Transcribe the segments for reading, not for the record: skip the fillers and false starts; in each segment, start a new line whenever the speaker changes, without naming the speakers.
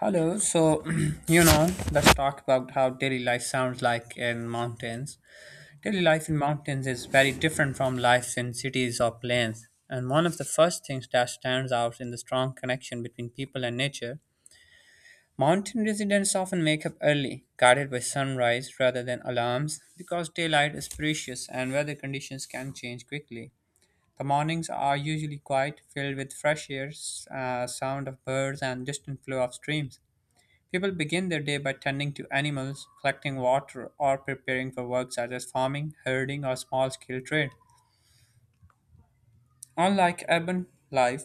Hello. So, let's talk about how daily life sounds like in mountains. Daily life in mountains is very different from life in cities or plains. And one of the first things that stands out in the strong connection between people and nature. Mountain residents often wake up early, guided by sunrise rather than alarms, because daylight is precious and weather conditions can change quickly. The mornings are usually quiet, filled with fresh air, sound of birds, and distant flow of streams. People begin their day by tending to animals, collecting water, or preparing for work such as farming, herding, or small scale trade. Unlike urban life,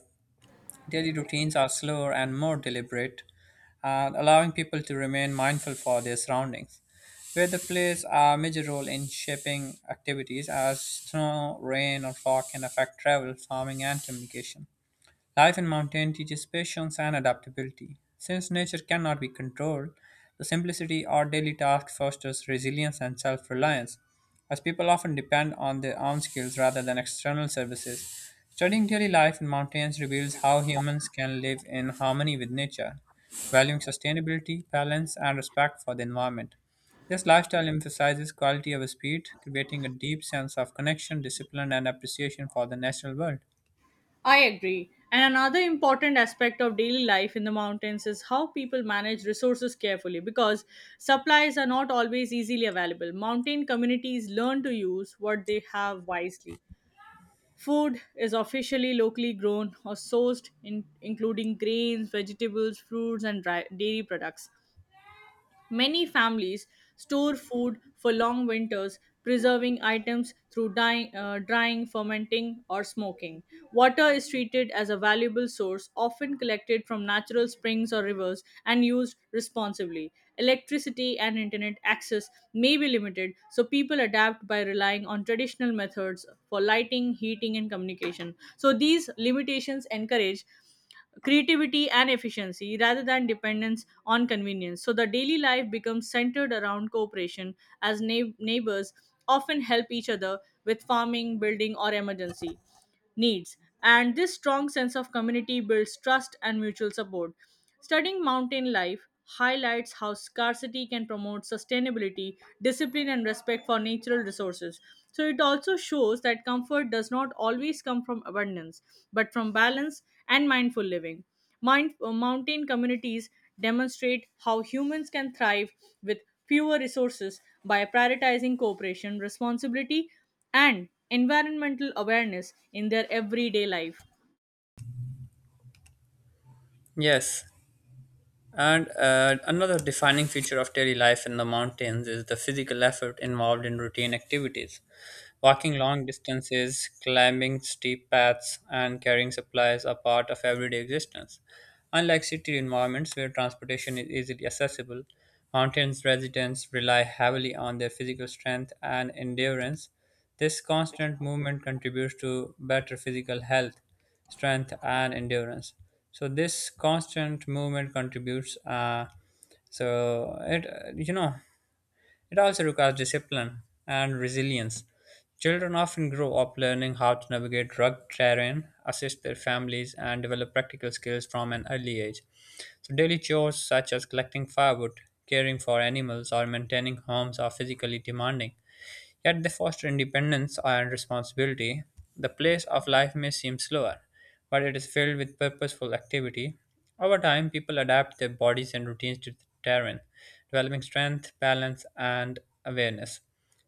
daily routines are slower and more deliberate, allowing people to remain mindful for their surroundings, where they plays a major role in shaping activities as snow, rain, or fog can affect travel, farming, and communication. Life in mountain teaches patience and adaptability. Since nature cannot be controlled, the simplicity our daily task fosters resilience and self-reliance, as people often depend on their own skills rather than external services. Studying daily life in mountains reveals how humans can live in harmony with nature, valuing sustainability, balance, and respect for the environment. This lifestyle emphasizes quality over speed, creating a deep sense of connection, discipline, and appreciation for the natural world.
I agree. And another important aspect of daily life in the mountains is how people manage resources carefully because supplies are not always easily available. Mountain communities learn to use what they have wisely. Food is officially locally grown or sourced, including grains, vegetables, fruits, and dairy products. Many families store food for long winters, preserving items through drying, fermenting, or smoking. Water is treated as a valuable source, often collected from natural springs or rivers and used responsibly. Electricity and internet access may be limited, so people adapt by relying on traditional methods for lighting, heating, and communication. So, these limitations encourage creativity and efficiency rather than dependence on convenience. So the daily life becomes centered around cooperation as neighbors often help each other with farming, building, or emergency needs. And this strong sense of community builds trust and mutual support. Studying mountain life highlights how scarcity can promote sustainability, discipline, and respect for natural resources. So, it also shows that comfort does not always come from abundance, but from balance and mindful living. Mountain communities demonstrate how humans can thrive with fewer resources by prioritizing cooperation, responsibility, and environmental awareness in their everyday life.
Yes, and another defining feature of daily life in the mountains is the physical effort involved in routine activities. Walking long distances, climbing steep paths, and carrying supplies are part of everyday existence. Unlike city environments where transportation is easily accessible, mountains residents rely heavily on their physical strength and endurance. This constant movement contributes to better physical health strength and endurance, so this constant movement contributes so it you know it Also requires discipline and resilience. Children often grow up learning how to navigate rugged terrain, assist their families, and develop practical skills from an early age. So daily chores such as collecting firewood, caring for animals, or maintaining homes are physically demanding. Yet they foster independence and responsibility. The pace of life may seem slower, but it is filled with purposeful activity. Over time, people adapt their bodies and routines to the terrain, developing strength, balance, and awareness.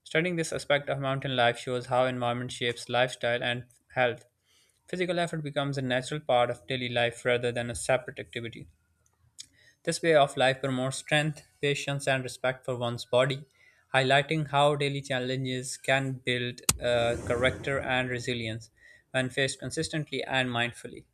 Studying this aspect of mountain life shows how environment shapes lifestyle and health. Physical effort becomes a natural part of daily life rather than a separate activity. This way of life promotes strength, patience, and respect for one's body, highlighting how daily challenges can build character and resilience when faced consistently and mindfully.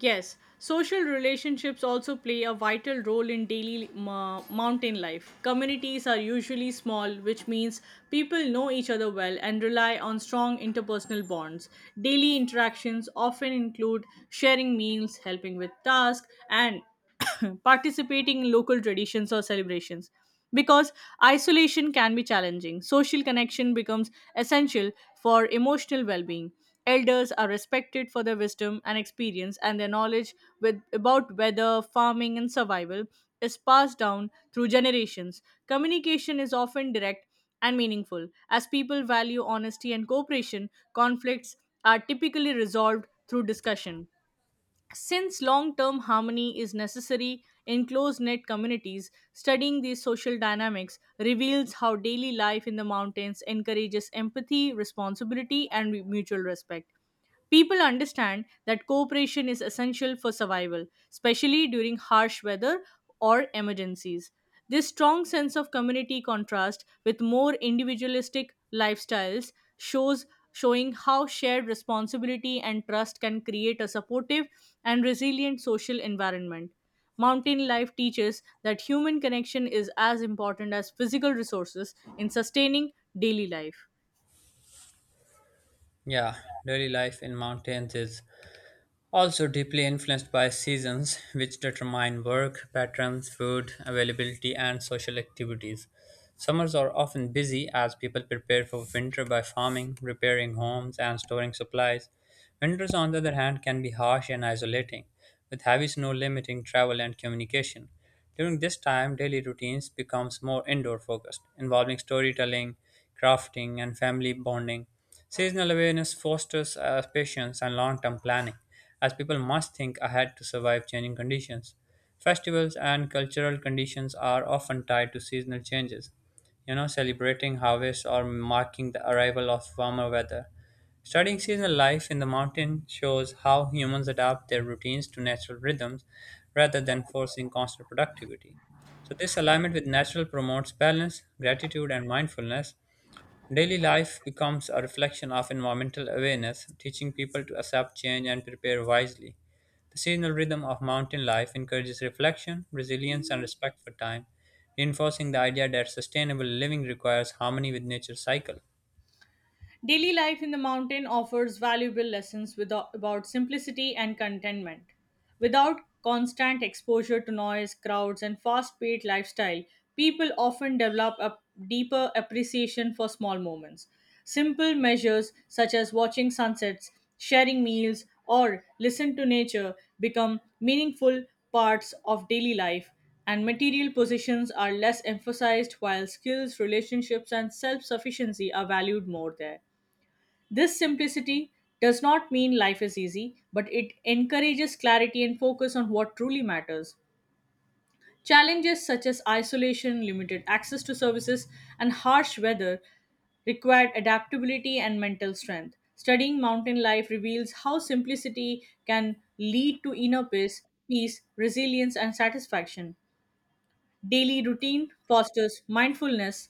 Yes, social relationships also play a vital role in daily mountain life. Communities are usually small, which means people know each other well and rely on strong interpersonal bonds. Daily interactions often include sharing meals, helping with tasks, and participating in local traditions or celebrations. Because isolation can be challenging, social connection becomes essential for emotional well being. Elders are respected for their wisdom and experience, and their knowledge about weather, farming, and survival is passed down through generations. Communication is often direct and meaningful. As people value honesty and cooperation, conflicts are typically resolved through discussion. Since long term harmony is necessary in close knit communities, studying these social dynamics reveals how daily life in the mountains encourages empathy, responsibility, and mutual respect. People understand that cooperation is essential for survival, especially during harsh weather or emergencies. This strong sense of community contrasts with more individualistic lifestyles shows showing how shared responsibility and trust can create a supportive and resilient social environment. Mountain life teaches that human connection is as important as physical resources in sustaining daily life.
Yeah, daily life in mountains is also deeply influenced by seasons, which determine work patterns, food availability, and social activities. Summers are often busy as people prepare for winter by farming, repairing homes, and storing supplies. Winters, on the other hand, can be harsh and isolating, with heavy snow limiting travel and communication. During this time, daily routines becomes more indoor focused, involving storytelling, crafting, and family bonding. Seasonal awareness fosters patience and long-term planning, as people must think ahead to survive changing conditions. Festivals and cultural conditions are often tied to seasonal changes, celebrating harvest or marking the arrival of warmer weather. Studying seasonal life in the mountain shows how humans adapt their routines to natural rhythms rather than forcing constant productivity. So, this alignment with natural promotes balance, gratitude, and mindfulness. Daily life becomes a reflection of environmental awareness, teaching people to accept change and prepare wisely. The seasonal rhythm of mountain life encourages reflection, resilience, and respect for time, reinforcing the idea that sustainable living requires harmony with nature's cycle.
Daily life in the mountain offers valuable lessons without, about simplicity and contentment. Without constant exposure to noise, crowds, and fast paced lifestyle, people often develop a deeper appreciation for small moments. Simple measures such as watching sunsets, sharing meals, or listen to nature become meaningful parts of daily life, and material possessions are less emphasized while skills, relationships, and self sufficiency are valued more there. This simplicity does not mean life is easy, but it encourages clarity and focus on what truly matters. Challenges such as isolation, limited access to services, and harsh weather required adaptability and mental strength. Studying mountain life reveals how simplicity can lead to inner peace, resilience, and satisfaction. Daily routine fosters mindfulness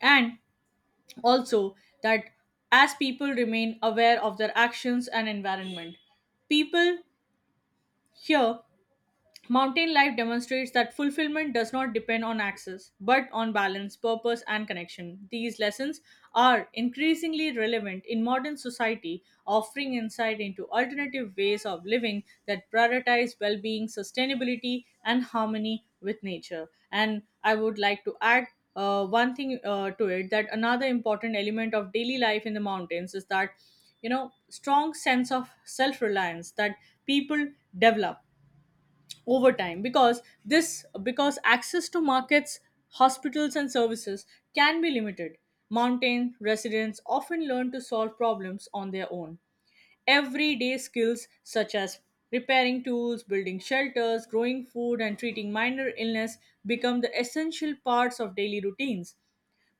and also that as people remain aware of their actions and environment people here. Mountain life demonstrates that fulfillment does not depend on access, but on balance, purpose, and connection. These lessons are increasingly relevant in modern society, offering insight into alternative ways of living that prioritize well being, sustainability, and harmony with nature. And I would like to add one thing to it that another important element of daily life in the mountains is that you know strong sense of self reliance that people develop over time because this because access to markets, hospitals, and services can be limited. Mountain residents often learn to solve problems on their own. Everyday skills such as repairing tools, building shelters, growing food, and treating minor illness become the essential parts of daily routines.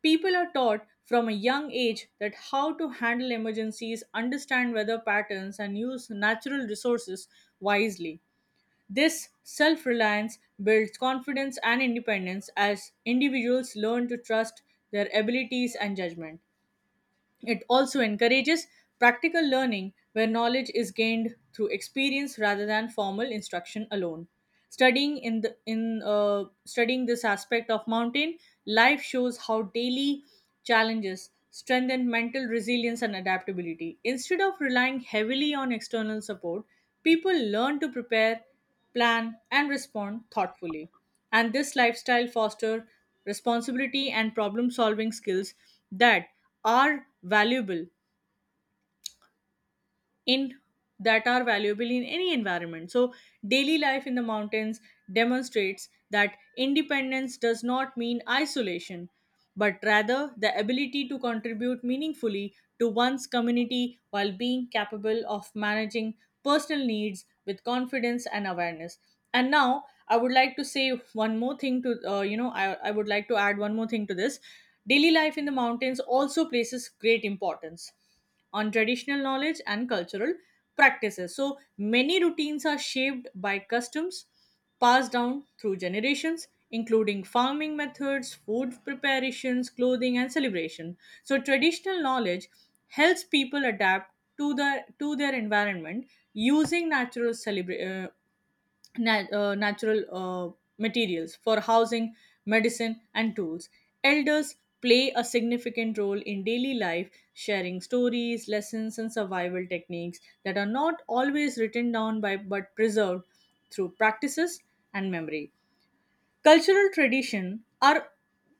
People are taught from a young age that how to handle emergencies, understand weather patterns, and use natural resources wisely. This self reliance builds confidence and independence as individuals learn to trust their abilities and judgment. It also encourages practical learning where knowledge is gained through experience rather than formal instruction alone. Studying in the in Studying this aspect of mountain life shows how daily challenges strengthen mental resilience and adaptability. Instead of relying heavily on external support, people learn to prepare, plan, and respond thoughtfully. And this lifestyle fosters responsibility and problem solving skills that are valuable in that are valuable in any environment. So daily life in the mountains demonstrates that independence does not mean isolation, but rather the ability to contribute meaningfully to one's community while being capable of managing personal needs with confidence and awareness. And now I would like to say one more thing to I would like to add one more thing to this. Daily life in the mountains also places great importance on traditional knowledge and cultural practices. So many routines are shaped by customs passed down through generations, including farming methods, food preparations, clothing, and celebration. So traditional knowledge helps people adapt to their environment, using natural materials for housing, medicine, and tools. Elders play a significant role in daily life, sharing stories, lessons, and survival techniques that are not always written down by but preserved through practices and memory. Cultural tradition are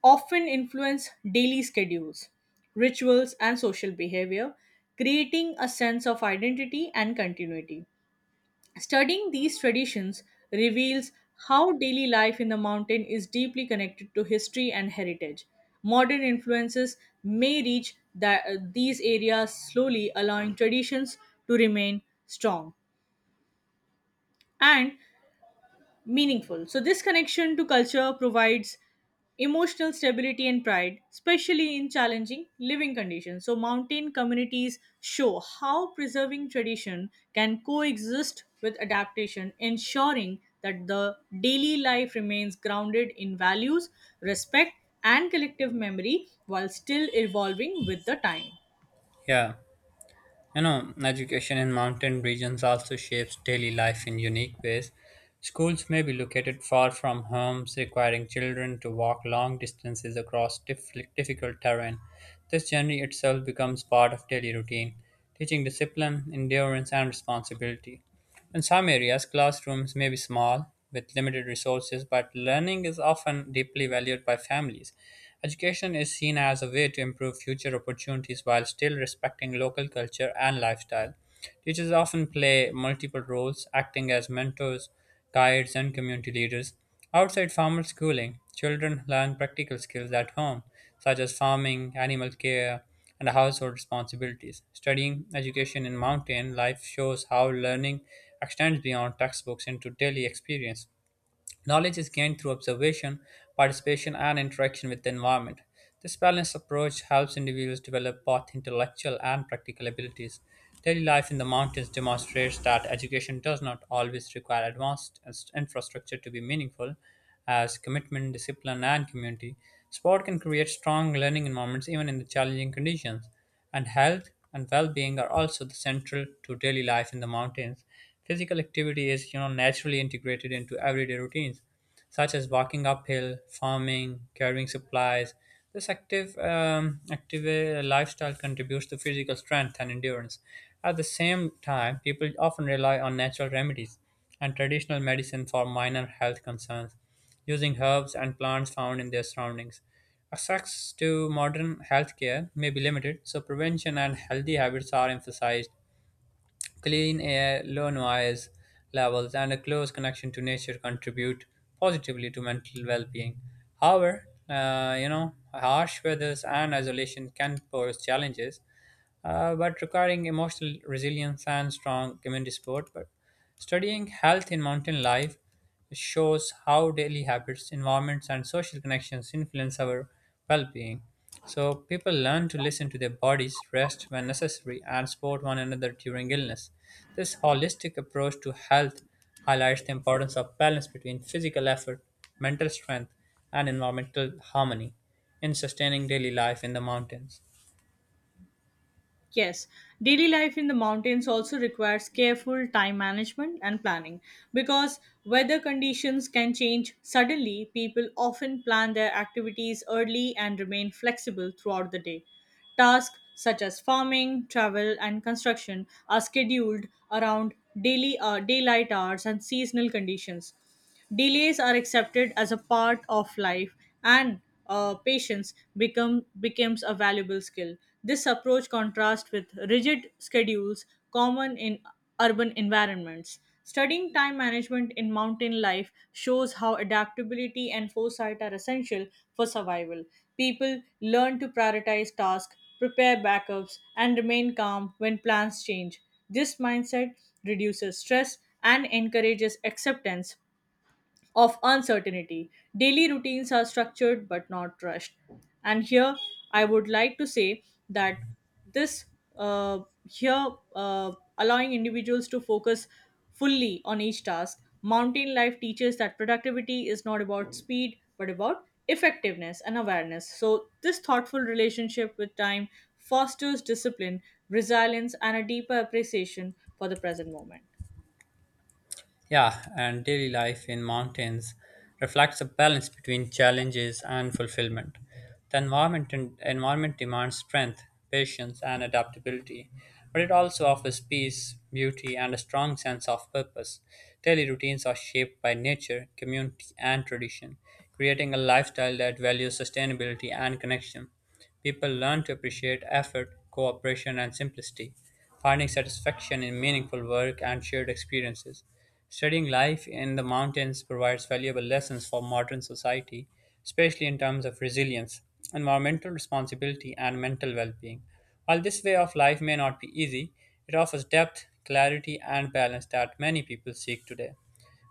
often influence daily schedules, rituals, and social behavior, creating a sense of identity and continuity. Studying these traditions reveals how daily life in the mountain is deeply connected to history and heritage. Modern influences may reach these areas slowly, allowing traditions to remain strong. And meaningful. So, this connection to culture provides emotional stability and pride, especially in challenging living conditions. So, mountain communities show how preserving tradition can coexist with adaptation, ensuring that the daily life remains grounded in values, respect, and collective memory while still evolving with the time.
Yeah. You know, education in mountain regions also shapes daily life in unique ways. Schools may be located far from homes, requiring children to walk long distances across difficult terrain. This journey itself becomes part of daily routine, teaching discipline, endurance, and responsibility. In some areas, classrooms may be small, with limited resources, but learning is often deeply valued by families. Education is seen as a way to improve future opportunities while still respecting local culture and lifestyle. Teachers often play multiple roles, acting as mentors, guides, and community leaders. Outside formal schooling, children learn practical skills at home, such as farming, animal care, and household responsibilities. Studying education in mountain life shows how learning extends beyond textbooks into daily experience. Knowledge is gained through observation, participation, and interaction with the environment. This balanced approach helps individuals develop both intellectual and practical abilities. Daily life in the mountains demonstrates that education does not always require advanced infrastructure to be meaningful, as commitment, discipline, and community. Sport can create strong learning environments even in the challenging conditions, and health and well-being are also the central to daily life in the mountains. Physical activity is, naturally integrated into everyday routines, such as walking uphill, farming, carrying supplies. This active lifestyle contributes to physical strength and endurance. At the same time, people often rely on natural remedies and traditional medicine for minor health concerns, using herbs and plants found in their surroundings. Access to modern healthcare may be limited, so prevention and healthy habits are emphasized. Clean air, low noise levels, and a close connection to nature contribute positively to mental well being. However, harsh weathers and isolation can pose challenges, but requiring emotional resilience and strong community support. But studying health in mountain life which shows how daily habits, environments, and social connections influence our well being. So, people learn to listen to their bodies, rest when necessary, and support one another during illness. This holistic approach to health highlights the importance of balance between physical effort, mental strength, and environmental harmony in sustaining daily life in the mountains.
Yes, daily life in the mountains also requires careful time management and planning because weather conditions can change suddenly. People often plan their activities early and remain flexible throughout the day. Tasks such as farming, travel, and construction are scheduled around daily daylight hours and seasonal conditions. Delays are accepted as a part of life, and patience becomes a valuable skill. This approach contrasts with rigid schedules common in urban environments. Studying time management in mountain life shows how adaptability and foresight are essential for survival. People learn to prioritize tasks, prepare backups, and remain calm when plans change. This mindset reduces stress and encourages acceptance of uncertainty. Daily routines are structured but not rushed. And here I would like to say that this here uh, allowing individuals to focus fully on each task. Mountain life teaches that productivity is not about speed but about effectiveness and awareness. So this thoughtful relationship with time fosters discipline, resilience, and a deeper appreciation for the present moment.
Yeah, and daily life in mountains reflects a balance between challenges and fulfillment. The environment demands strength, patience, and adaptability, but it also offers peace, beauty, and a strong sense of purpose. Daily routines are shaped by nature, community, and tradition, creating a lifestyle that values sustainability and connection. People learn to appreciate effort, cooperation, and simplicity, finding satisfaction in meaningful work and shared experiences. Studying life in the mountains provides valuable lessons for modern society, especially in terms of resilience, environmental responsibility, and mental well being. While this way of life may not be easy, it offers depth, clarity, and balance that many people seek today.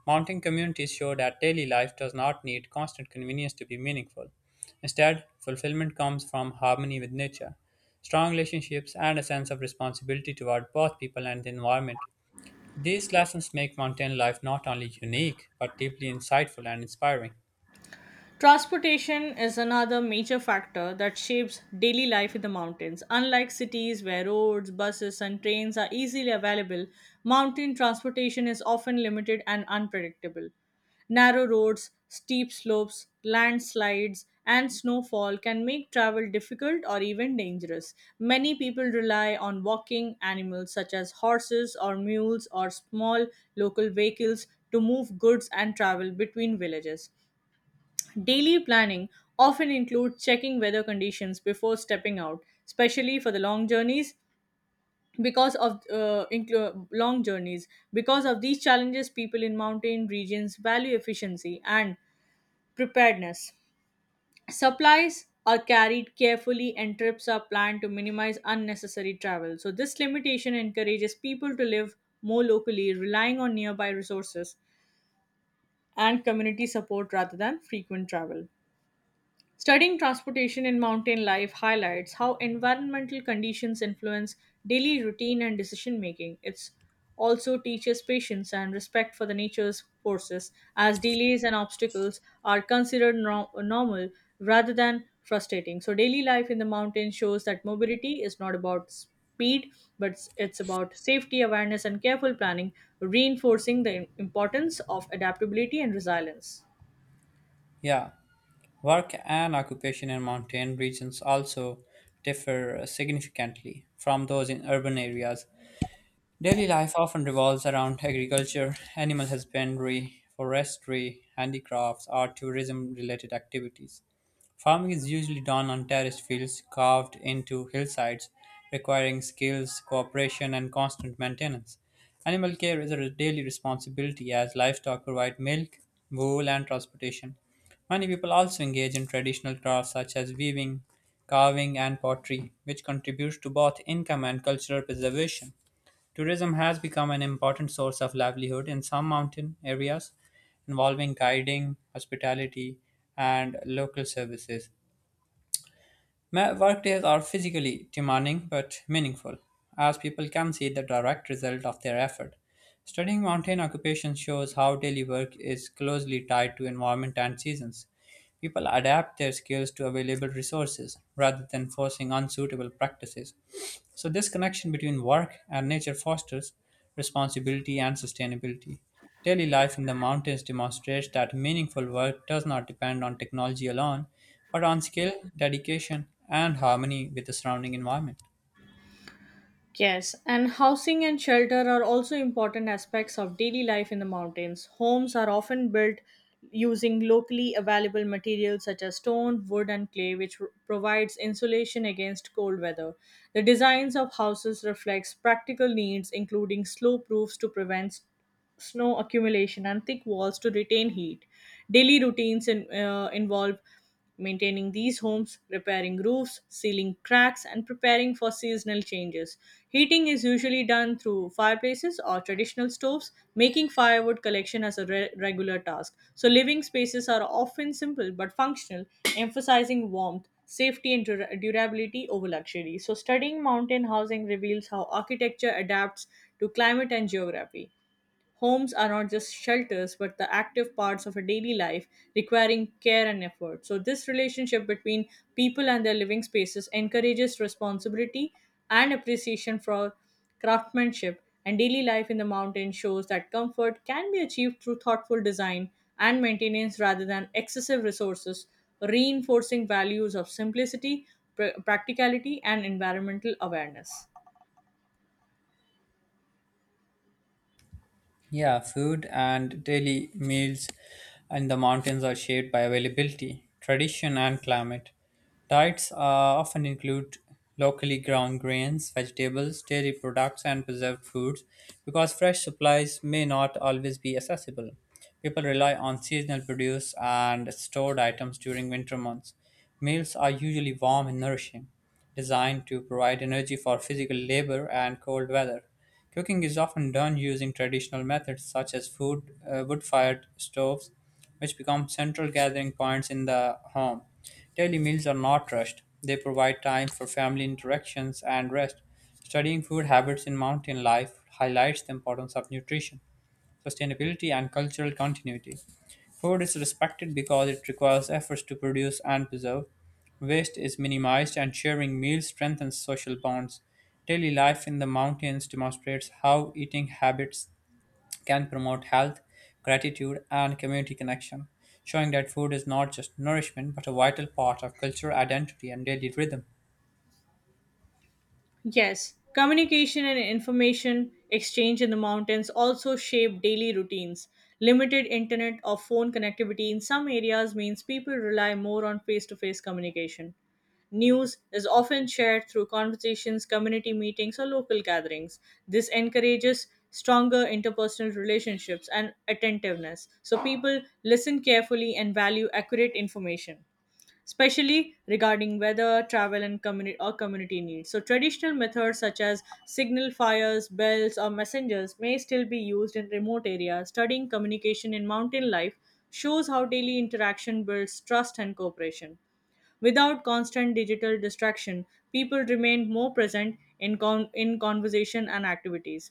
Mountain communities show that daily life does not need constant convenience to be meaningful. Instead, fulfillment comes from harmony with nature, strong relationships, and a sense of responsibility toward both people and the environment. These lessons make mountain life not only unique, but deeply insightful and inspiring.
Transportation is another major factor that shapes daily life in the mountains. Unlike cities where roads, buses, and trains are easily available, mountain transportation is often limited and unpredictable. Narrow roads, steep slopes, landslides, and snowfall can make travel difficult or even dangerous. Many people rely on walking animals such as horses or mules or small local vehicles to move goods and travel between villages. Daily planning often includes checking weather conditions before stepping out, especially for the long journeys. Because of these challenges, people in mountain regions value efficiency and preparedness. Supplies are carried carefully, and trips are planned to minimize unnecessary travel. So, this limitation encourages people to live more locally, relying on nearby resources and community support rather than frequent travel. Studying transportation in mountain life highlights how environmental conditions influence daily routine and decision making. It also teaches patience and respect for the nature's forces, as delays and obstacles are considered normal rather than frustrating. So, daily life in the mountains shows that mobility is not about speed, but it's about safety, awareness, and careful planning, reinforcing the importance of adaptability and resilience.
Yeah, work and occupation in mountain regions also differ significantly from those in urban areas. Daily life often revolves around agriculture, animal husbandry, forestry, handicrafts, or tourism related activities. Farming is usually done on terraced fields carved into hillsides, requiring skills, cooperation, and constant maintenance. Animal care is a daily responsibility as livestock provide milk, wool, and transportation. Many people also engage in traditional crafts such as weaving, carving, and pottery, which contributes to both income and cultural preservation. Tourism has become an important source of livelihood in some mountain areas, involving guiding, hospitality, and local services. My Workdays are physically demanding but meaningful, as people can see the direct result of their effort. Studying mountain occupations shows how daily work is closely tied to environment and seasons. People adapt their skills to available resources rather than forcing unsuitable practices. So, this connection between work and nature fosters responsibility and sustainability. Daily life in the mountains demonstrates that meaningful work does not depend on technology alone, but on skill, dedication, and harmony with the surrounding environment.
Yes, and housing and shelter are also important aspects of daily life in the mountains. Homes are often built using locally available materials such as stone, wood, and clay, which provides insulation against cold weather. The designs of houses reflects practical needs, including slope roofs to prevent snow accumulation and thick walls to retain heat. Daily routines involve maintaining these homes, repairing roofs, sealing cracks, and preparing for seasonal changes. Heating is usually done through fireplaces or traditional stoves, making firewood collection as a regular task. So, living spaces are often simple but functional, emphasizing warmth. Safety and durability over luxury. So, studying mountain housing reveals how architecture adapts to climate and geography. Homes are not just shelters, but the active parts of a daily life requiring care and effort. So, this relationship between people and their living spaces encourages responsibility and appreciation for craftsmanship, and daily life in the mountain shows that comfort can be achieved through thoughtful design and maintenance rather than excessive resources, reinforcing values of simplicity, practicality, and environmental awareness.
Yeah, food and daily meals in the mountains are shaped by availability, tradition, and climate. Diets often include locally grown grains, vegetables, dairy products, and preserved foods because fresh supplies may not always be accessible. People rely on seasonal produce and stored items during winter months. Meals are usually warm and nourishing, designed to provide energy for physical labor and cold weather. Cooking is often done using traditional methods such as wood-fired stoves, which become central gathering points in the home. Daily meals are not rushed. They provide time for family interactions and rest. Studying food habits in mountain life highlights the importance of nutrition, sustainability, and cultural continuity. Food is respected because it requires efforts to produce and preserve. Waste is minimized, and sharing meals strengthens social bonds. Daily life in the mountains demonstrates how eating habits can promote health, gratitude, and community connection, showing that food is not just nourishment but a vital part of cultural identity and daily rhythm.
Yes, communication and information exchange in the mountains also shape daily routines. Limited internet or phone connectivity in some areas means people rely more on face to face communication. News is often shared through conversations, community meetings, or local gatherings. This encourages stronger interpersonal relationships and attentiveness, so people listen carefully and value accurate information especially regarding weather, travel, and community or community needs. So traditional methods such as signal fires, bells, or messengers may still be used in remote areas. Studying communication in mountain life shows how daily interaction builds trust and cooperation. Without constant digital distraction, people remain more present in conversation and activities.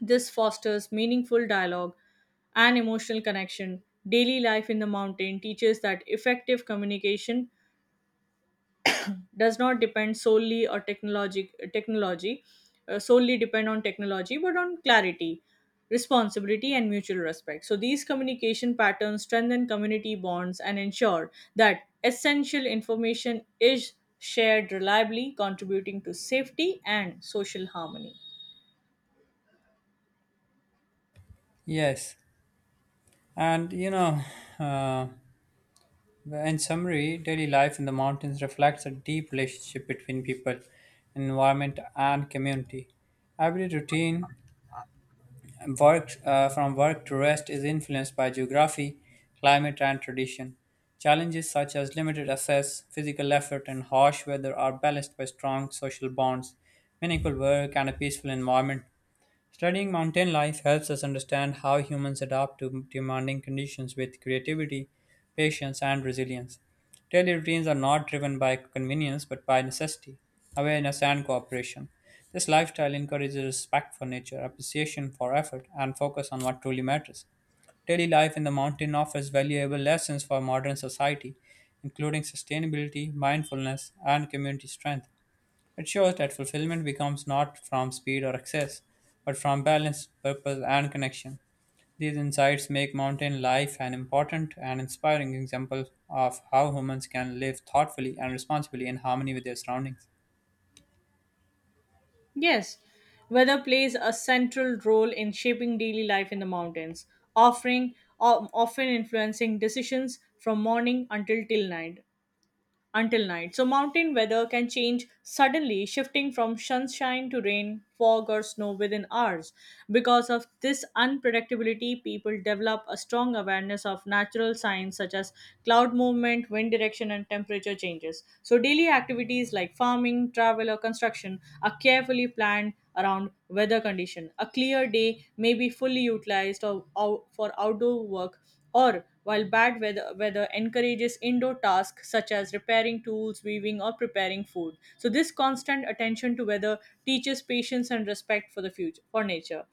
This fosters meaningful dialogue and emotional connection. Daily life in the mountain teaches that effective communication does not depend solely or technology, solely depend on technology but on clarity, responsibility and mutual respect, so these communication patterns strengthen community bonds and ensure that essential information is shared reliably, contributing to safety and social harmony.
Yes, and uh, in summary, daily life in the mountains reflects a deep relationship between people, environment, and community. Every routine, Work from work to rest is influenced by geography, climate, and tradition. Challenges such as limited access, physical effort, and harsh weather are balanced by strong social bonds, meaningful work, and a peaceful environment. Studying mountain life helps us understand how humans adapt to demanding conditions with creativity, patience, and resilience. Daily routines are not driven by convenience but by necessity, awareness, and cooperation. This lifestyle encourages respect for nature, appreciation for effort, and focus on what truly matters. Daily life in the mountain offers valuable lessons for modern society, including sustainability, mindfulness, and community strength. It shows that fulfillment becomes not from speed or access, but from balance, purpose, and connection. These insights make mountain life an important and inspiring example of how humans can live thoughtfully and responsibly in harmony with their surroundings.
Yes, weather plays a central role in shaping daily life in the mountains, offering often influencing decisions from morning until till night. Until night. So, mountain weather can change suddenly, shifting from sunshine to rain, fog, or snow within hours. Because of this unpredictability, people develop a strong awareness of natural signs such as cloud movement, wind direction, and temperature changes. So, daily activities like farming, travel, or construction are carefully planned around weather condition. A clear day may be fully utilized or for outdoor work, while bad weather encourages indoor tasks such as repairing tools, weaving, or preparing food. So, this constant attention to weather teaches patience and respect for the future for nature.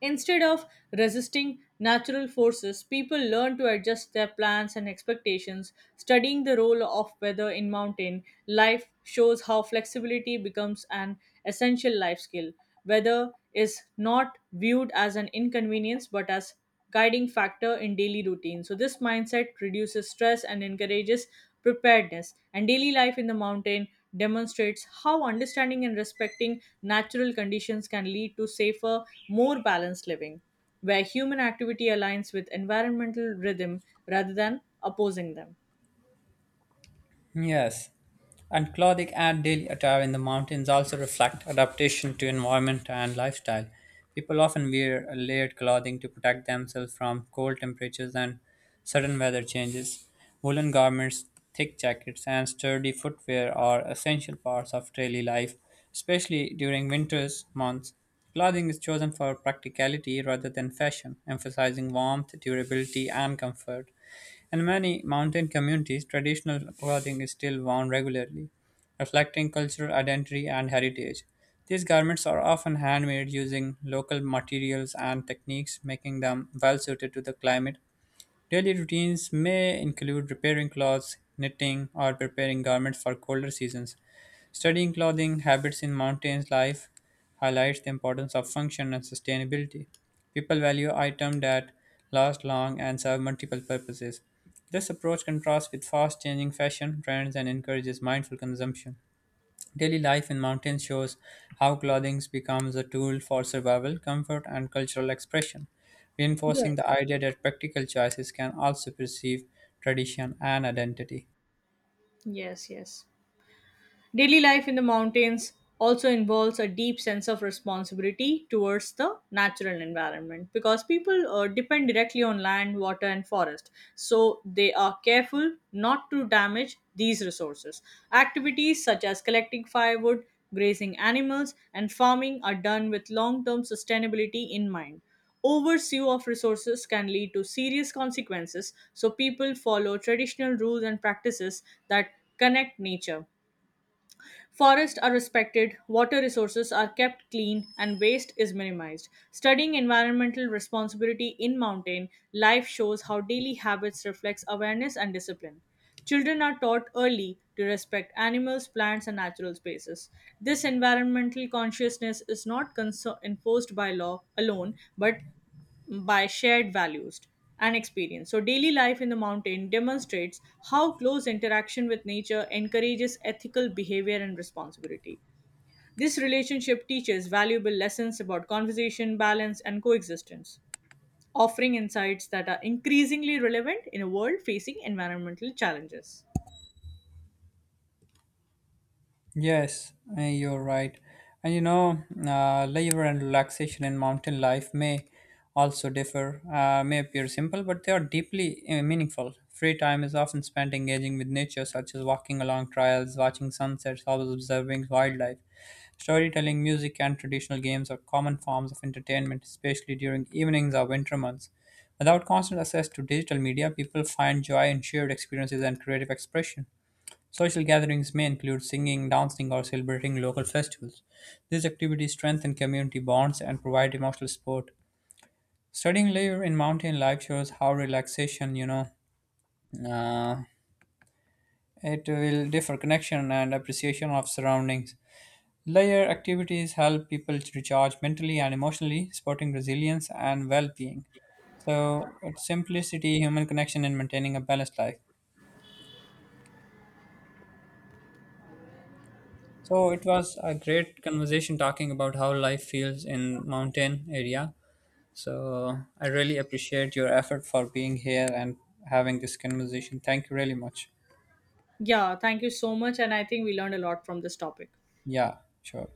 Instead of resisting natural forces, people learn to adjust their plans and expectations. Studying the role of weather in mountain life shows how flexibility becomes an essential life skill. Weather is not viewed as an inconvenience but as guiding factor in daily routine. So this mindset reduces stress and encourages preparedness. And daily life in the mountain demonstrates how understanding and respecting natural conditions can lead to safer, more balanced living, where human activity aligns with environmental rhythm rather than opposing them.
Yes, and clothing and daily attire in the mountains also reflect adaptation to environment and lifestyle. People often wear layered clothing to protect themselves from cold temperatures and sudden weather changes. Woolen garments, thick jackets, and sturdy footwear are essential parts of daily life, especially during winter's months. Clothing is chosen for practicality rather than fashion, emphasizing warmth, durability, and comfort. In many mountain communities, traditional clothing is still worn regularly, reflecting cultural identity and heritage. These garments are often handmade using local materials and techniques, making them well suited to the climate. Daily routines may include repairing clothes, knitting, or preparing garments for colder seasons. Studying clothing habits in mountains life highlights the importance of function and sustainability. People value items that last long and serve multiple purposes. This approach contrasts with fast changing fashion trends and encourages mindful consumption. Daily life in mountains shows how clothing becomes a tool for survival, comfort, and cultural expression, reinforcing the
Yes.
idea that practical choices can also perceive tradition and identity.
Yes, yes. Daily life in the mountains also involves a deep sense of responsibility towards the natural environment because people depend directly on land, water, and forest. So they are careful not to damage these resources. Activities such as collecting firewood, grazing animals, and farming are done with long term sustainability in mind. Oversue of resources can lead to serious consequences, so people follow traditional rules and practices that connect nature. Forests are respected, water resources are kept clean, and waste is minimized. Studying environmental responsibility in mountain life shows how daily habits reflects awareness and discipline. Children are taught early to respect animals, plants, and natural spaces. This environmental consciousness is not enforced by law alone, but by shared values and experience. So, daily life in the mountain demonstrates how close interaction with nature encourages ethical behavior and responsibility. This relationship teaches valuable lessons about conversation, balance, and coexistence, offering insights that are increasingly relevant in a world facing environmental challenges.
Yes, you're right. And labor and relaxation in mountain life may also differ, may appear simple, but they are deeply meaningful. Free time is often spent engaging with nature, such as walking along trails, watching sunsets, or observing wildlife. Storytelling, music, and traditional games are common forms of entertainment, especially during evenings or winter months. Without constant access to digital media, people find joy in shared experiences and creative expression. Social gatherings may include singing, dancing, or celebrating local festivals. These activities strengthen community bonds and provide emotional support. Studying layer in mountain life shows how relaxation, uh, it will differ connection and appreciation of surroundings. Layer activities help people to recharge mentally and emotionally, supporting resilience and well-being. So, it's simplicity, human connection, and maintaining a balanced life. So it was a great conversation talking about how life feels in mountain area. So I really appreciate your effort for being here and having this conversation. Thank you really much.
Yeah, thank you so much, and I think we learned a lot from this topic.
Yeah, sure.